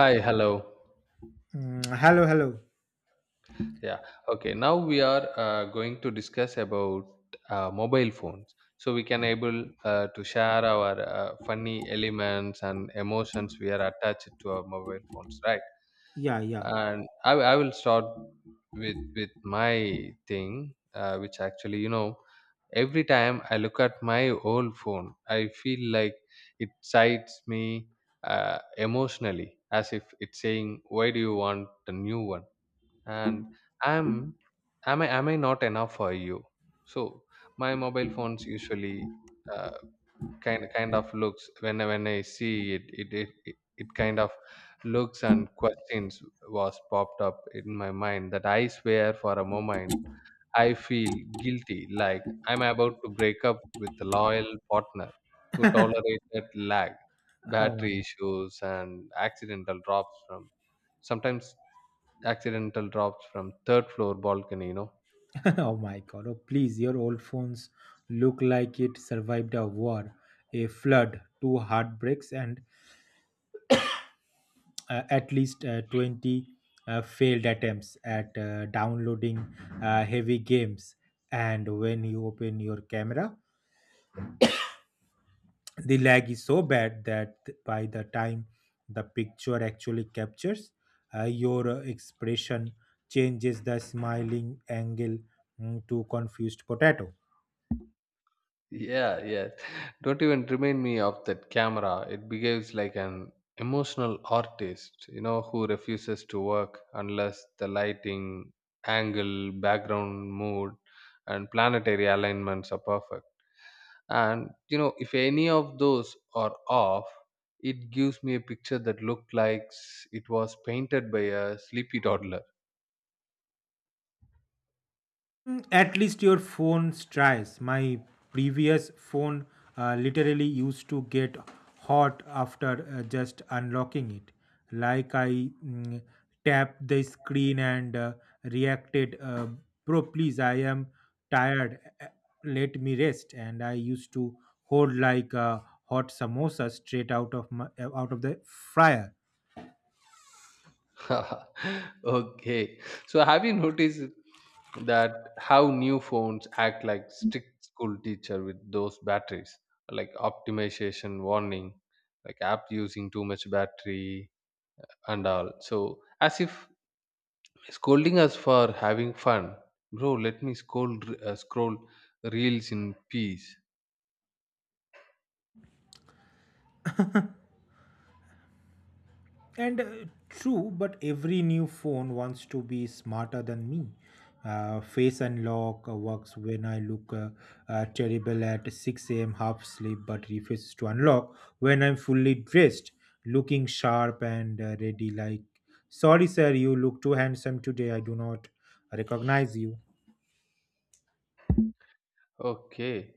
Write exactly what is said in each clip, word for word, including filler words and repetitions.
Hi, hello. Mm, hello, hello. Yeah, okay. Now we are uh, going to discuss about uh, mobile phones. So we can able uh, to share our uh, funny elements and emotions we are attached to our mobile phones, right? Yeah, yeah. And I, I will start with with my thing, uh, which actually, you know, every time I look at my old phone, I feel like it sights me uh, emotionally, as if it's saying, "Why do you want a new one?" And am am i am i not enough for you? So my mobile phones usually uh, kind kind of looks when I- when i see it it it, it it kind of looks, and questions was popped up in my mind that I swear for a moment I feel guilty like I'm about to break up with a loyal partner who tolerated lag, Oh my battery god. issues, and accidental drops from sometimes, accidental drops from third floor balcony, you know. Oh my god. Oh please, your old phones look like it survived a war, a flood, two heartbreaks, and uh, at least uh, twenty uh, failed attempts at uh, downloading uh, heavy games. And when you open your camera, the lag is so bad that by the time the picture actually captures uh, your uh, expression changes the smiling angle mm, to confused potato. Yeah, yeah. Don't even remind me of that camera. It behaves like an emotional artist, you know, who refuses to work unless the lighting, angle, background, mood, and planetary alignments are perfect. And you know, if any of those are off, it gives me a picture that looked like s- it was painted by a sleepy toddler. Mm, at least your phone tries. My previous phone uh, literally used to get hot after uh, just unlocking it. Like I mm, tapped the screen and uh, reacted, uh, bro, please, I am tired. uh, Let me rest. And I used to hold like a hot samosa straight out of my, uh, out of the fryer. Okay. So have you noticed that how new phones act like strict school teacher with those batteries, like optimization warning, like app using too much battery and all. So as if scolding us for having fun, bro. Let me scroll uh, scroll reels in peace. And uh, true, but every new phone wants to be smarter than me. Uh, face unlock uh, works when I look uh, uh, terrible at six a m half asleep, but refuses to unlock when I'm fully dressed, looking sharp and uh, ready. Like, sorry, sir, you look too handsome today. I do not recognize you. Okay.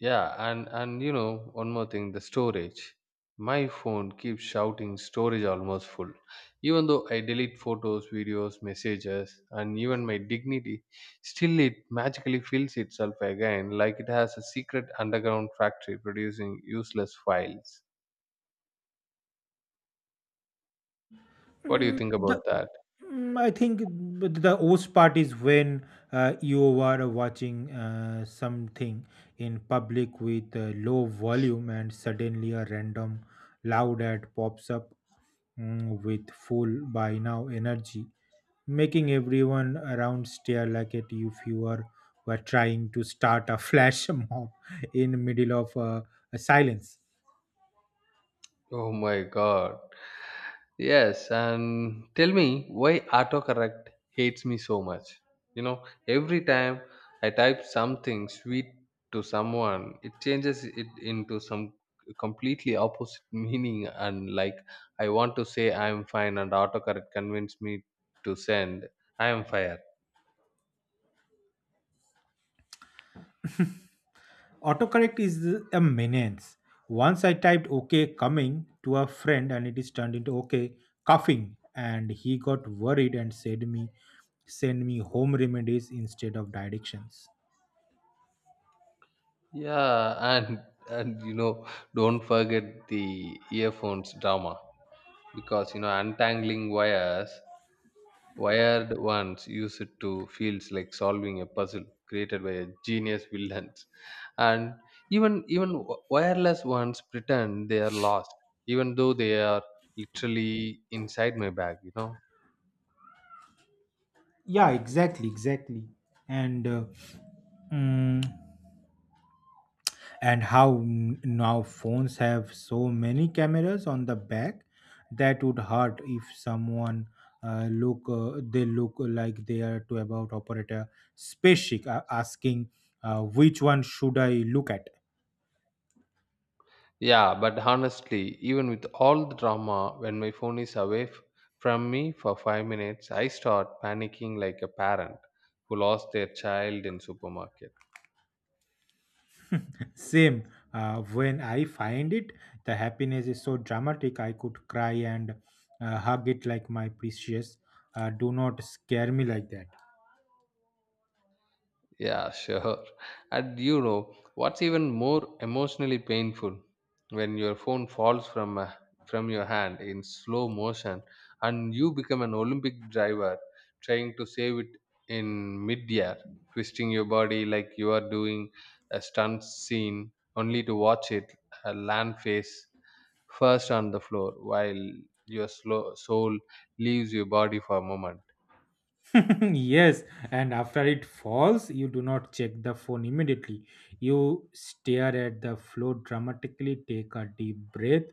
Yeah, and and you know, one more thing, the storage. My phone keeps shouting storage almost full. Even though I delete photos, videos, messages, and even my dignity, still it magically fills itself again like it has a secret underground factory producing useless files. What do you Mm, think about the- that? mm, I think the the worst part is when uh, you are watching uh, something in public with uh, low volume and suddenly a random loud ad pops up mm, with full by now energy, making everyone around stare like at you if you are were trying to start a flash mob in middle of uh, a silence. Oh my god. Yes, and tell me why autocorrect hates me so much. You know, every time I type something sweet to someone, it changes it into some completely opposite meaning. And like, I want to say I'm fine, and autocorrect convinced me to send I am fire. Autocorrect is a menace. Once I typed OK coming to a friend and it is turned into OK coughing, and he got worried and said me send me home remedies instead of directions. Yeah, and and you know, don't forget the earphones drama, because you know, untangling wires. Wired ones use it to feels like solving a puzzle created by a genius villains, and even even wi- wireless ones pretend they are lost, even though they are literally inside my bag. You know. Yeah, exactly, exactly. And uh, mm, and how n- now phones have so many cameras on the back that would hurt if someone uh, look uh, they look like they are to about operator specific uh, asking uh, which one should I look at. Yeah, but honestly, even with all the drama, when my phone is away f- from me for five minutes, I start panicking like a parent who lost their child in supermarket. Same, uh, when I find it the happiness is so dramatic I could cry, and uh, hug it like my precious. Uh, do not scare me like that. Yeah, sure. And you know, what's even more emotionally painful when your phone falls from uh, from your hand in slow motion and you become an Olympic driver trying to save it in mid-air, twisting your body like you are doing a stunt scene only to watch it uh, land face first on the floor while your slow soul leaves your body for a moment. Yes, and after it falls you do not check the phone immediately. You stare at the floor dramatically, take a deep breath,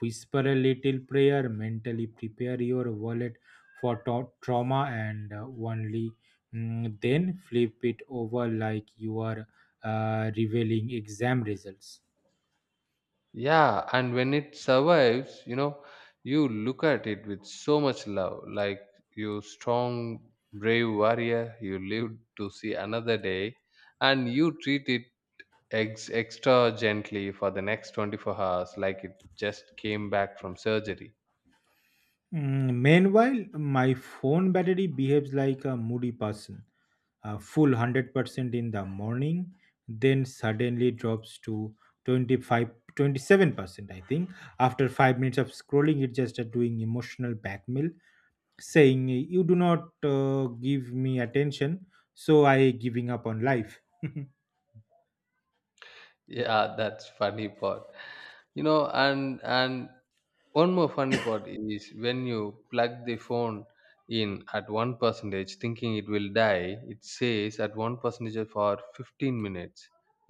whisper a little prayer, mentally prepare your wallet for to- trauma, and uh, only mm, then flip it over like you are uh, revealing exam results. Yeah, and when it survives, you know, you look at it with so much love, like you strong, brave warrior, you live to see another day, and you treat it ex- extra gently for the next twenty-four hours, like it just came back from surgery. Mm, meanwhile my phone battery behaves like a moody person, uh, full one hundred percent in the morning, then suddenly drops to twenty five, twenty seven percent I think, after five minutes of scrolling. It just uh, doing emotional blackmail saying you do not uh, give me attention, so I giving up on life. Yeah, that's funny part. You know, and and one more funny part is when you plug the phone in at one percentage, thinking it will die. It says at one percentage for fifteen minutes.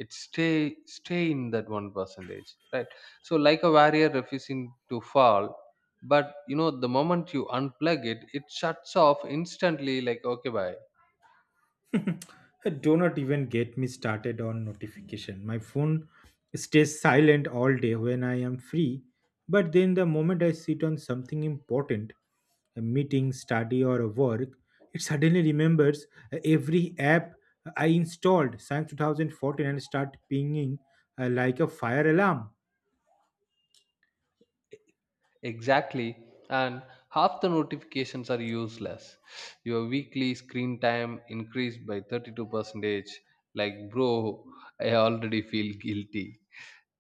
It stay stay in that one percentage, right? So like a warrior refusing to fall, but you know the moment you unplug it, it shuts off instantly. Like okay, bye. Do not even get me started on notification. My phone stays silent all day when I am free, but then the moment I sit on something important, a meeting, study, or a work, it suddenly remembers uh, every app I installed since two thousand fourteen and start pinging uh, like a fire alarm. Exactly. And half the notifications are useless. Your weekly screen time increased by thirty-two percent. Like, bro, I already feel guilty.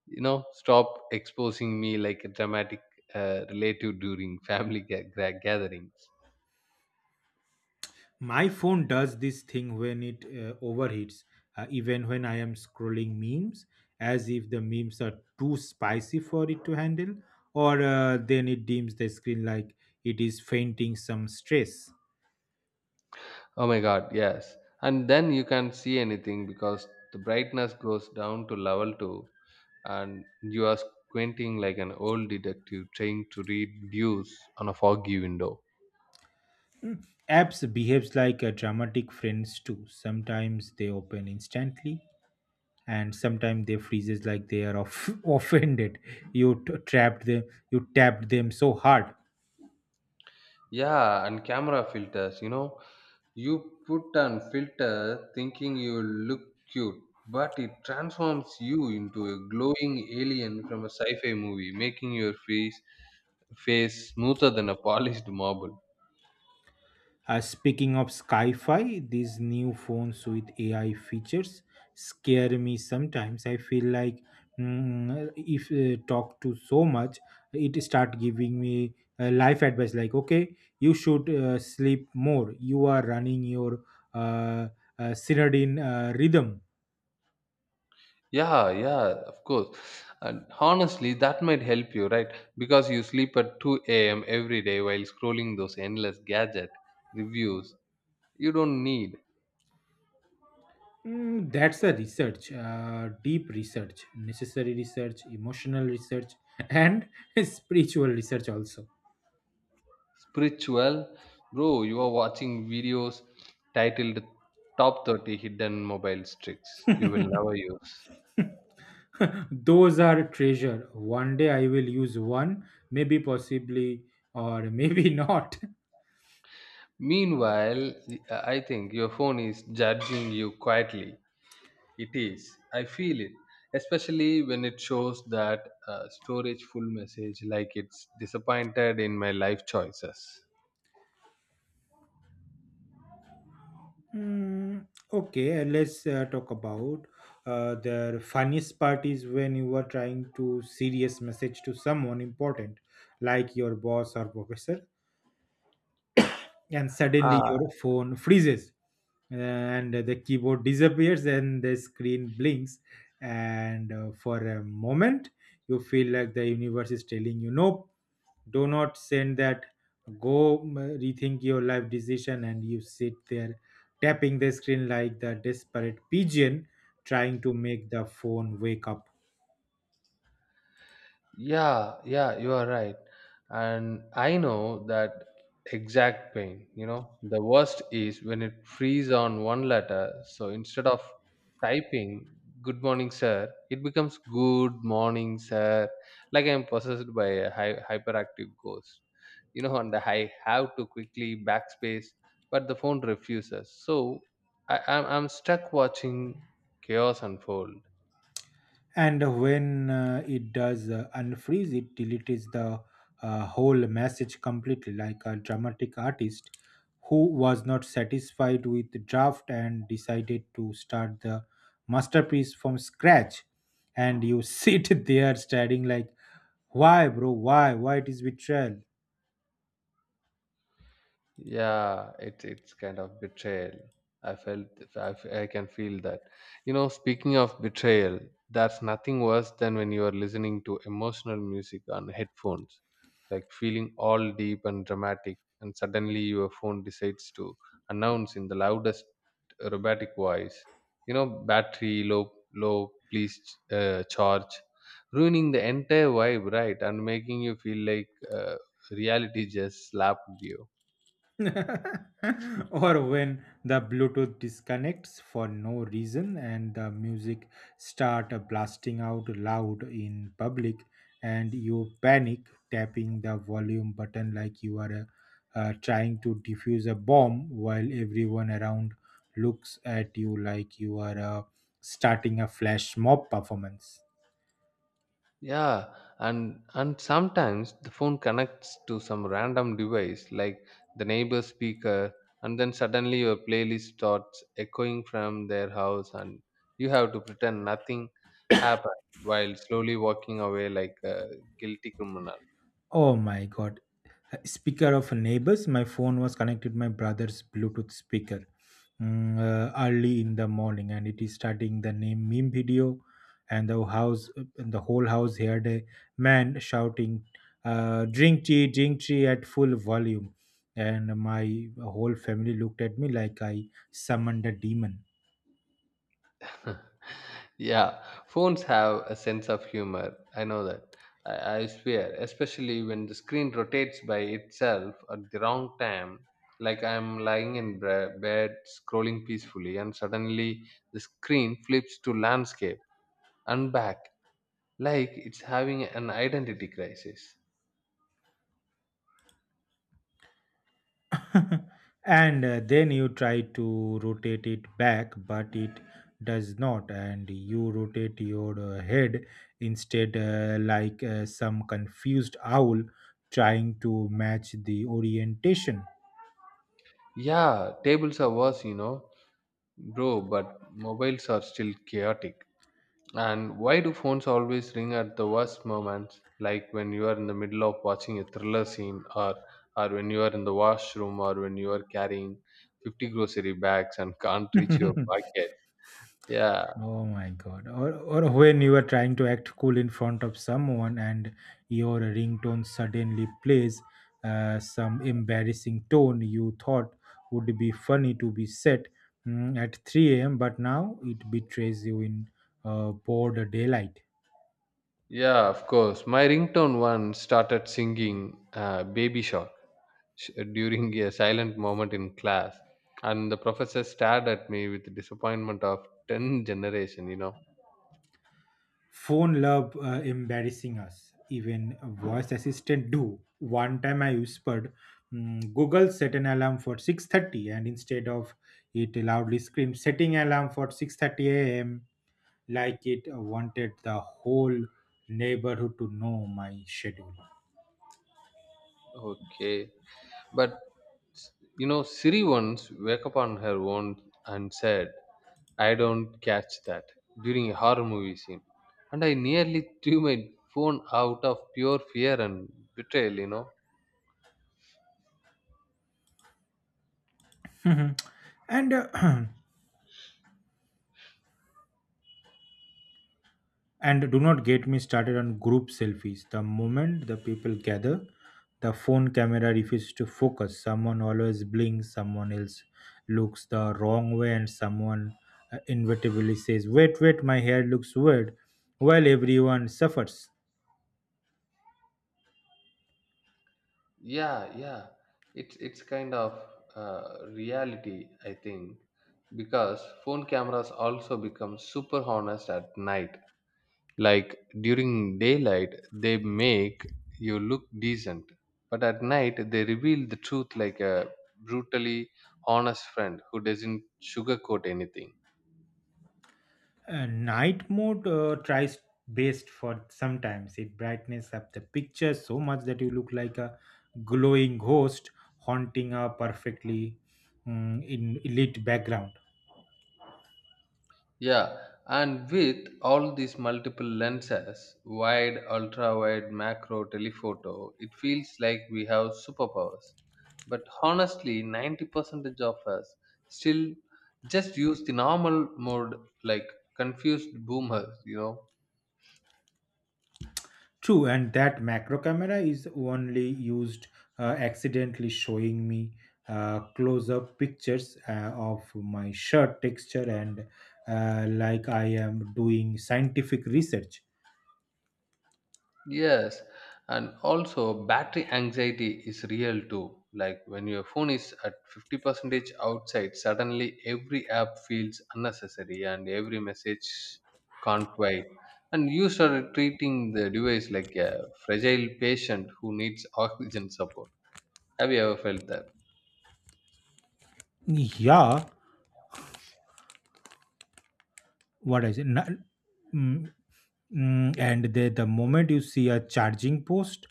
You know, stop exposing me like a dramatic uh, relative during family ga- gra- gatherings. My phone does this thing when it uh, overheats uh, even when I am scrolling memes, as if the memes are too spicy for it to handle. Or uh, then it dims the screen like it is fainting some stress. Oh my god, yes. And then you can't see anything because the brightness goes down to level two and you are squinting like an old detective trying to read views on a foggy window. Apps behaves like a dramatic friends too. Sometimes they open instantly and sometimes they freezes like they are off- offended you t- trapped them you tapped them so hard. Yeah, and camera filters, you know, you put on filter thinking you look cute, but it transforms you into a glowing alien from a sci-fi movie, making your face face smoother than a polished marble. Uh, speaking of sci-fi, these new phones with A I features scare me sometimes. I feel like, mm, if uh, talk to so much, it start giving me uh, life advice. Like, okay, you should uh, sleep more. You are running your uh, uh, circadian uh, rhythm. Yeah, yeah, of course. And honestly, that might help you, right? Because you sleep at two a m every day while scrolling those endless gadget reviews you don't need. Mm, that's a research, uh, deep research, necessary research, emotional research, and spiritual research also. Spiritual, bro, you are watching videos titled top thirty hidden mobile tricks you will never use. Those are treasure. One day I will use one, maybe possibly, or maybe not. Meanwhile, I think your phone is judging you quietly. It is, I feel it, especially when it shows that uh, storage full message like it's disappointed in my life choices. Hmm, okay, uh, let's uh, talk about uh, the funniest part is when you are trying to serious message to someone important, like your boss or professor. And suddenly your phone freezes uh, and the keyboard disappears and the screen blinks, and uh, for a moment you feel like the universe is telling you, nope, do not send that, go um, rethink your life decision. And you sit there tapping the screen like the desperate pigeon trying to make the phone wake up. Yeah, yeah, you are right. And I know that exact pain. You know, the worst is when it frees on one letter. So instead of typing good morning, sir, it becomes good morning, sir, like I'm possessed by a hy- hyperactive ghost. You know, and I have to quickly backspace, but the phone refuses. So I- I'm-, I'm stuck watching chaos unfold. And when uh, it does uh, unfreeze, it deletes the uh, whole message completely, like a dramatic artist who was not satisfied with the draft and decided to start the masterpiece from scratch. And you sit there staring like, why bro, why why it is betrayal. Yeah, it's it's kind of betrayal. I felt I, f- I can feel that. You know, speaking of betrayal, that's nothing worse than when you are listening to emotional music on headphones, like feeling all deep and dramatic, and suddenly your phone decides to announce in the loudest robotic voice, you know, battery low, low, please uh, charge, ruining the entire vibe, right, and making you feel like uh, reality just slapped you. Or when the bluetooth disconnects for no reason and the music start blasting out loud in public, and you panic tapping the volume button like you are uh, uh, trying to defuse a bomb while everyone around looks at you like you are uh, starting a flash mob performance. Yeah, and and sometimes the phone connects to some random device like the neighbor's speaker, and then suddenly your playlist starts echoing from their house, and you have to pretend nothing happened while slowly walking away like a guilty criminal. Oh my god. Speaker of neighbors, my phone was connected my brother's Bluetooth speaker mm, uh, early in the morning, and it is starting the name meme video, and the house, and the whole house heard a man shouting, uh, "Drink tea, drink tea" at full volume, and my whole family looked at me like I summoned a demon. Yeah, phones have a sense of humor. I know that. I, I swear, especially when the screen rotates by itself at the wrong time. Like I'm lying in bre- bed scrolling peacefully, and suddenly the screen flips to landscape and back, like it's having an identity crisis. And uh, then you try to rotate it back but it does not, and you rotate your uh, head instead, uh, like uh, some confused owl trying to match the orientation. Yeah, tables are worse, you know, bro, but mobiles are still chaotic. And why do phones always ring at the worst moments, like when you are in the middle of watching a thriller scene, or or when you are in the washroom, or when you are carrying fifty grocery bags and can't reach your pocket? Yeah, Oh my God. Or, or when you are trying to act cool in front of someone and your ringtone suddenly plays uh, some embarrassing tone you thought would be funny to be set mm, at three a m, but now it betrays you in uh, broad daylight. yeah, of course. My ringtone one started singing uh, "Baby Shark" sh- during a silent moment in class, and the professor stared at me with disappointment of ten generation. You know. Phone love uh, embarrassing us, even voice assistant do. One time I whispered, mm, google set an alarm for six thirty, and instead of, it loudly screamed, setting alarm for six thirty a m, like it wanted the whole neighborhood to know my schedule. Okay. But you know, Siri once woke up on her own and said, I don't catch that, during a horror movie scene. And I nearly threw my phone out of pure fear and betrayal, you know. Mhm. And uh, and do not get me started on group selfies. The moment the people gather, the phone camera refuses to focus. Someone always blinks, someone else looks the wrong way, and someone uh, inevitably says, wait, wait, my hair looks weird, while everyone suffers. Yeah, yeah. It's it's kind of uh, reality, I think, because phone cameras also become super honest at night. Like during daylight they make you look decent, but at night they reveal the truth like a brutally honest friend who doesn't sugarcoat anything. Uh, night mode uh, tries best for sometimes. It brightens up the picture so much that you look like a glowing ghost haunting a perfectly mm, in lit background. Yeah, and with all these multiple lenses, wide, ultra wide, macro, telephoto, it feels like we have superpowers, but honestly ninety percent of us still just use the normal mode like confused boomers, you know. True, and that macro camera is only used uh, accidentally, showing me uh, close up pictures uh, of my shirt texture, and uh, like I am doing scientific research. Yes, and also battery anxiety is real too. Like when your phone is at fifty percent outside, suddenly every app feels unnecessary and every message can't wait. And you start treating the device like a fragile patient who needs oxygen support. Have you ever felt that? Yeah, what I say. na- mm, mm, and the, the moment you see a charging post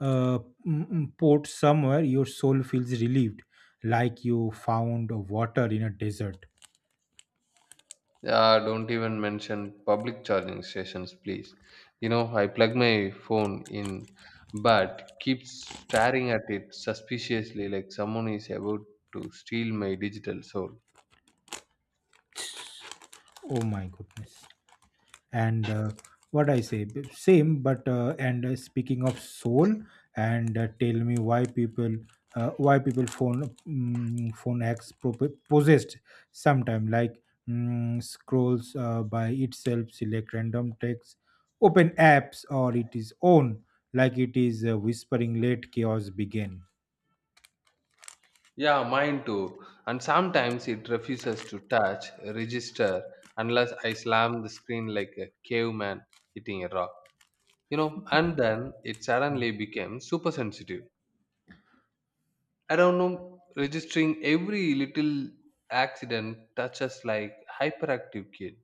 uh, mm, mm, port somewhere, your soul feels relieved like you found water in a desert. Yeah, don't even mention public charging stations, please. You know, I plug my phone in, but keep staring at it suspiciously like someone is about to steal my digital soul. Oh my goodness. And uh, what I say, b- same but uh, and uh, speaking of soul, and uh, tell me why people, uh, why people phone mm, phone acts pro- possessed sometime, like, mm, scrolls uh, by itself, select random text, open apps or it is own, like it is uh, whispering, let chaos begin. Yeah, mine too. And sometimes it refuses to touch, register, unless I slam the screen like a caveman hitting a rock. You know, and then it Hmm. suddenly became super sensitive. I don't know, registering every little accident touches like hyperactive kid.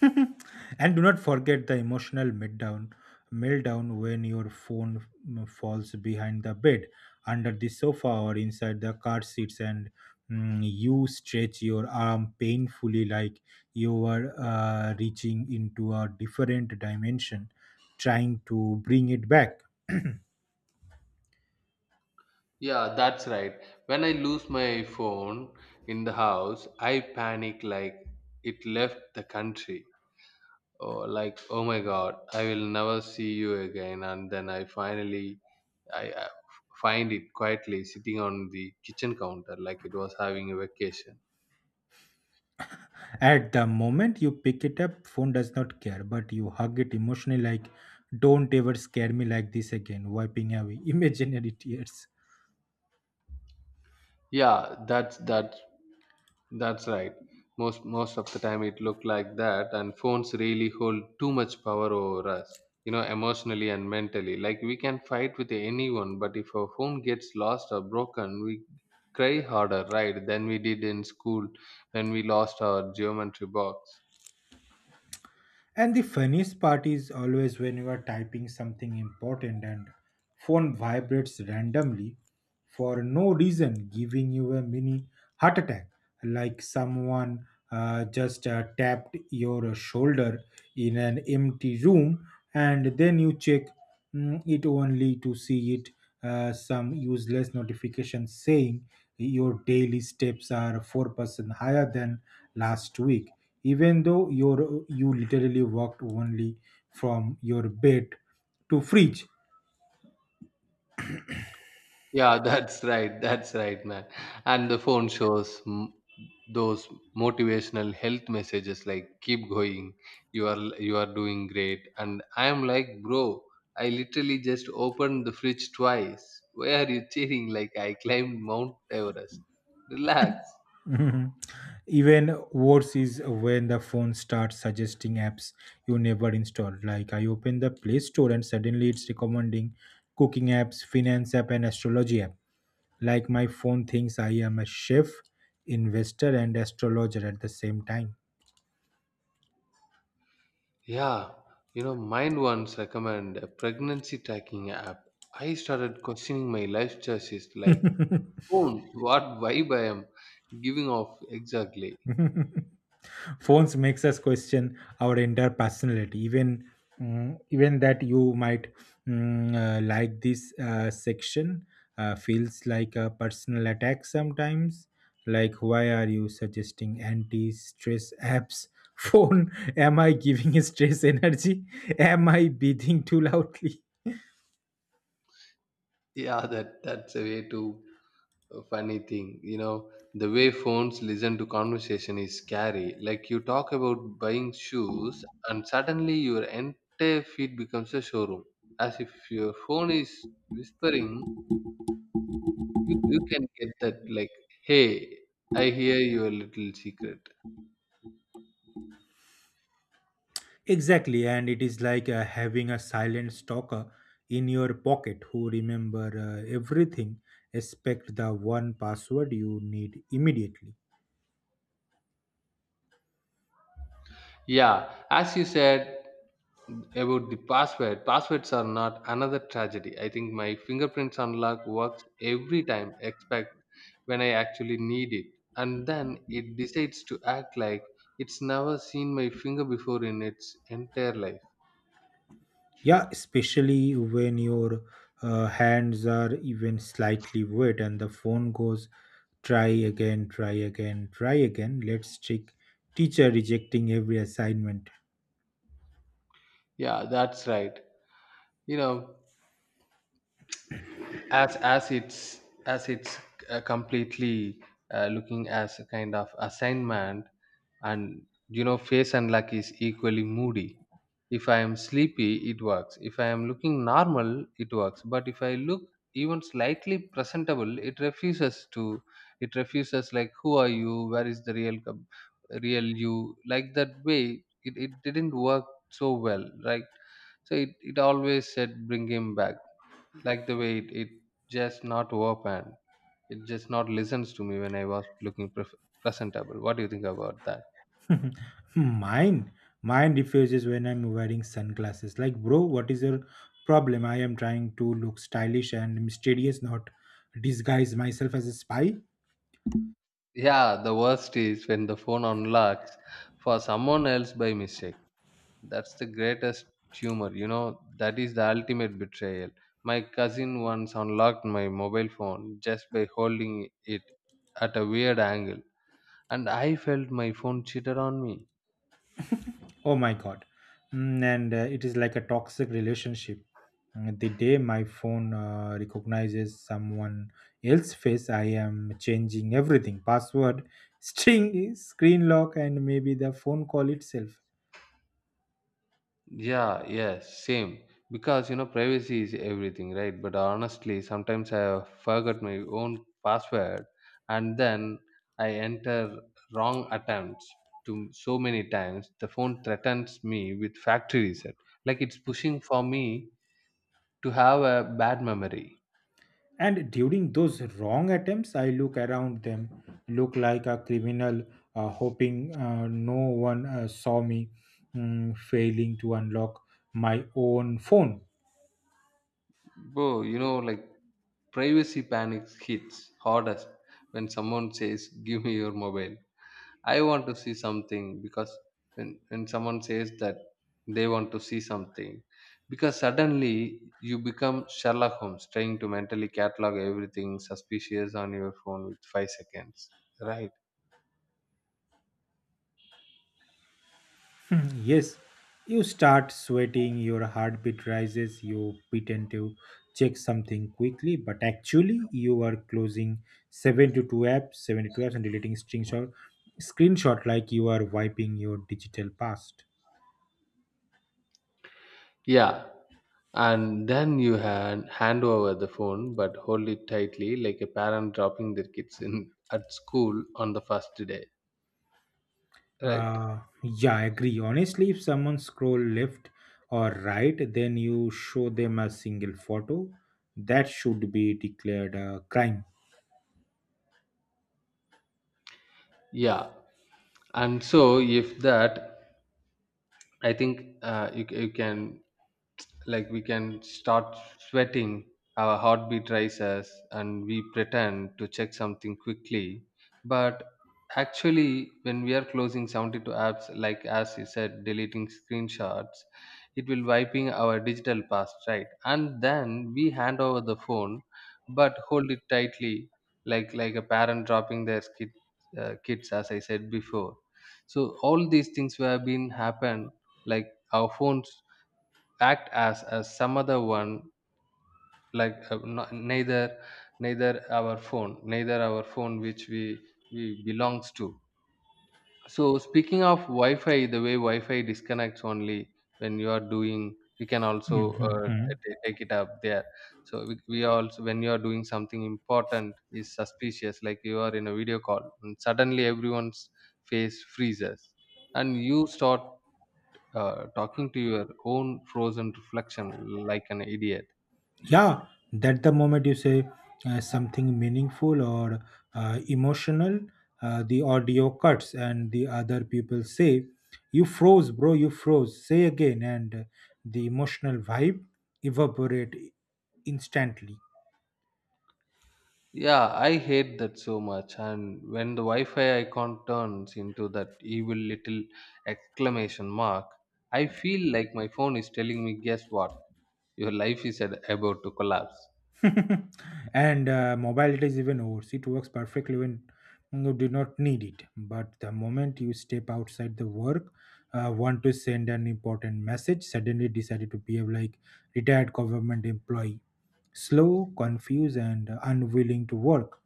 And do not forget the emotional meltdown meltdown when your phone mm, falls behind the bed, under the sofa, or inside the car seats, and mm, you stretch your arm painfully like you are uh, reaching into a different dimension trying to bring it back. Yeah, that's right. When I lose my phone in the house, I panic like it left the country. Or like, oh my god, I will never see you again. And then I finally, I uh, find it quietly sitting on the kitchen counter like it was having a vacation. At the moment you pick it up, phone does not care, but you hug it emotionally like, don't ever scare me like this again, wiping away imaginary tears. Yeah, that's that That's right. Most most of the time it looked like that and phones really hold too much power over us, you know, emotionally and mentally. Like we can fight with anyone, but if our phone gets lost or broken, we cry harder, right, than we did in school when we lost our geometry box. And the funniest part is always when you are typing something important and phone vibrates randomly for no reason, giving you a mini heart attack, like someone uh, just uh, tapped your shoulder in an empty room, and then you check mm, it, only to see it uh, some useless notification saying your daily steps are four percent higher than last week, even though your you literally walked only from your bed to fridge. Yeah, that's right. That's right, man. And the phone shows m- those motivational health messages like keep going, you are you are doing great. And I am like, bro, I literally just opened the fridge twice. Why are you cheering like I climbed Mount Everest? Relax. Mhm. Even worse is when the phone starts suggesting apps you never installed. Like, I open the play store and suddenly it's recommending cooking apps, finance app, and astrology app, like my phone thinks I am a chef, investor, and astrologer at the same time. Yeah, you know, mine once recommend a pregnancy tracking app. I started questioning my life choices like phone, what vibe I am giving off exactly. Phones makes us question our entire personality, even mm, even that you might mm, uh, like this uh, section uh, feels like a personal attack sometimes. Like, why are you suggesting anti-stress apps? Phone, am I giving stress energy? Am I breathing too loudly? Yeah, that that's a way too funny thing. You know, the way phones listen to conversation is scary. Like you talk about buying shoes, and suddenly your entire feed becomes a showroom. As if your phone is whispering, you you can get that like, hey, I hear your little secret. Exactly, and it is like uh, having a silent stalker in your pocket who remember uh, everything, except the one password you need immediately. Yeah, as you said about the password, passwords are not another tragedy. I think my fingerprints unlock works every time, except when I actually need it. And then it decides to act like it's never seen my finger before in its entire life. Yeah, especially when your uh, hands are even slightly wet and the phone goes, try again, try again, try again. Let's check teacher rejecting every assignment. Yeah, that's right. You know, as as it's as it's uh, completely uh, looking as a kind of assignment, and you know, face and luck is equally moody. If I am sleepy it works, if I am looking normal it works, but if I look even slightly presentable it refuses to, it refuses. Like who are you, where is the real com- real you? Like that way it, it didn't work so well, right? So it, it always said bring him back, like the way it, it just not open, it just not listens to me when I was looking pref- presentable. What do you think about that? mine mine refuses when I'm wearing sunglasses. Like, bro, what is your problem? I am trying to look stylish and mysterious, not disguise myself as a spy. Yeah, the worst is when the phone unlocks for someone else by mistake. That's the greatest humor, you know, that is the ultimate betrayal. My cousin once unlocked my mobile phone just by holding it at a weird angle, and I felt my phone cheated on me. Oh my god. Mm, and uh, it is like a toxic relationship. Mm, the day my phone uh, recognizes someone else's face, I am changing everything password, string screen lock, and maybe the phone call itself. Yeah, yes, same. Because you know, privacy is everything, right? But honestly, sometimes I forget my own password, and then I enter wrong attempts to so many times the phone threatens me with factory reset. Like it's pushing for me to have a bad memory. And during those wrong attempts, I look around them, look like a criminal, uh, hoping uh, no one uh, saw me mm, failing to unlock my own phone. Bro, you know, like privacy panic hits hardest when someone says, give me your mobile. I want to see something. Because when, when someone says that they want to see something, because suddenly you become Sherlock Holmes trying to mentally catalog everything suspicious on your phone with five seconds, right? Yes, you start sweating, your heartbeat rises, you pretend to check something quickly but actually you are closing seventy two apps seventy two apps and deleting screenshot screenshot, like you are wiping your digital past. Yeah, and then you hand, hand over the phone but hold it tightly like a parent dropping their kids in at school on the first day, right? Uh, yeah, I agree. Honestly, if someone scroll left or right, then you show them a single photo. That should be declared a crime. Yeah, and so if that, I think uh, you, c- you can, like we can start sweating, our heartbeat rises and we pretend to check something quickly, but actually when we are closing seventy-two apps, like as you said, deleting screenshots, it will wiping our digital past, right? And then we hand over the phone but hold it tightly like like a parent dropping their kid, uh, kids, as I said before. So all these things were been happen, like our phones act as as some other one, like uh, no- neither neither our phone, neither our phone which we we belongs to. So speaking of Wi-Fi, the way Wi-Fi disconnects only when you are doing, we can also uh, Mhm. t- take it up there. So we, we also when you are doing something important is suspicious, like you are in a video call and suddenly everyone's face freezes, and you start uh, talking to your own frozen reflection like an idiot. Yeah, that the moment you say uh, something meaningful or uh, emotional, uh, the audio cuts and the other people say, "You froze, bro. You froze." Say again, and the emotional vibe evaporate instantly. Yeah, I hate that so much. And when the Wi Fi icon turns into that evil little exclamation mark, I feel like my phone is telling me, guess what? Your life is at- about to collapse. And uh, mobility is even worse. It works perfectly when you do not need it. But the moment you step outside the work, uh, want to send an important message, suddenly decided to behave like retired government employee, slow, confused, and unwilling to work.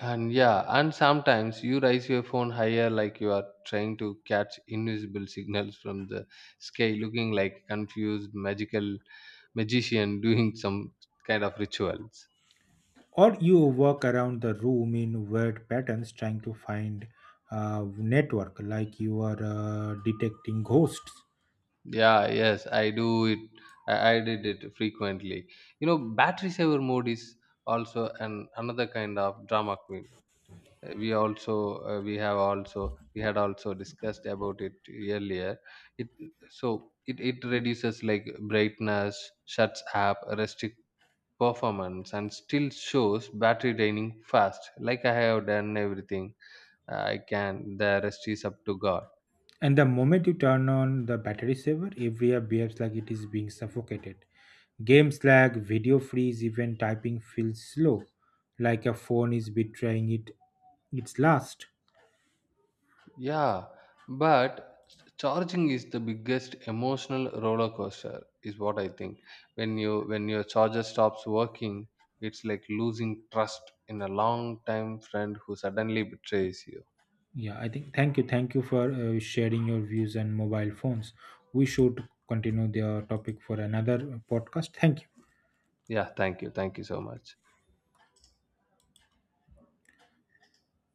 And yeah, and sometimes you raise your phone higher like you are trying to catch invisible signals from the sky, looking like a confused magical magician doing some kind of rituals. Or you walk around the room in weird patterns, trying to find uh, network, like you are uh, detecting ghosts. Yeah, yes, I do it. I, I did it frequently. You know, battery saver mode is also an another kind of drama queen. Uh, We also uh, we have also we had also discussed about it earlier. It so it it reduces like brightness, shuts up, restrict performance, and still shows battery draining fast. Like I have done everything eh, I can. The rest is up to God. And the moment you turn on the battery saver, every app behaves like it is being suffocated. Games lag, video freeze, even typing feels slow, like a phone is betraying it its last. Yeah, but ch- charging is the biggest emotional roller coaster, is what I think. When you when your charger stops working, it's like losing trust in a long time friend who suddenly betrays you. Yeah, I think thank you, thank you for uh, sharing your views on mobile phones. We should continue the topic for another podcast. Thank you. Yeah, thank you. Thank you so much.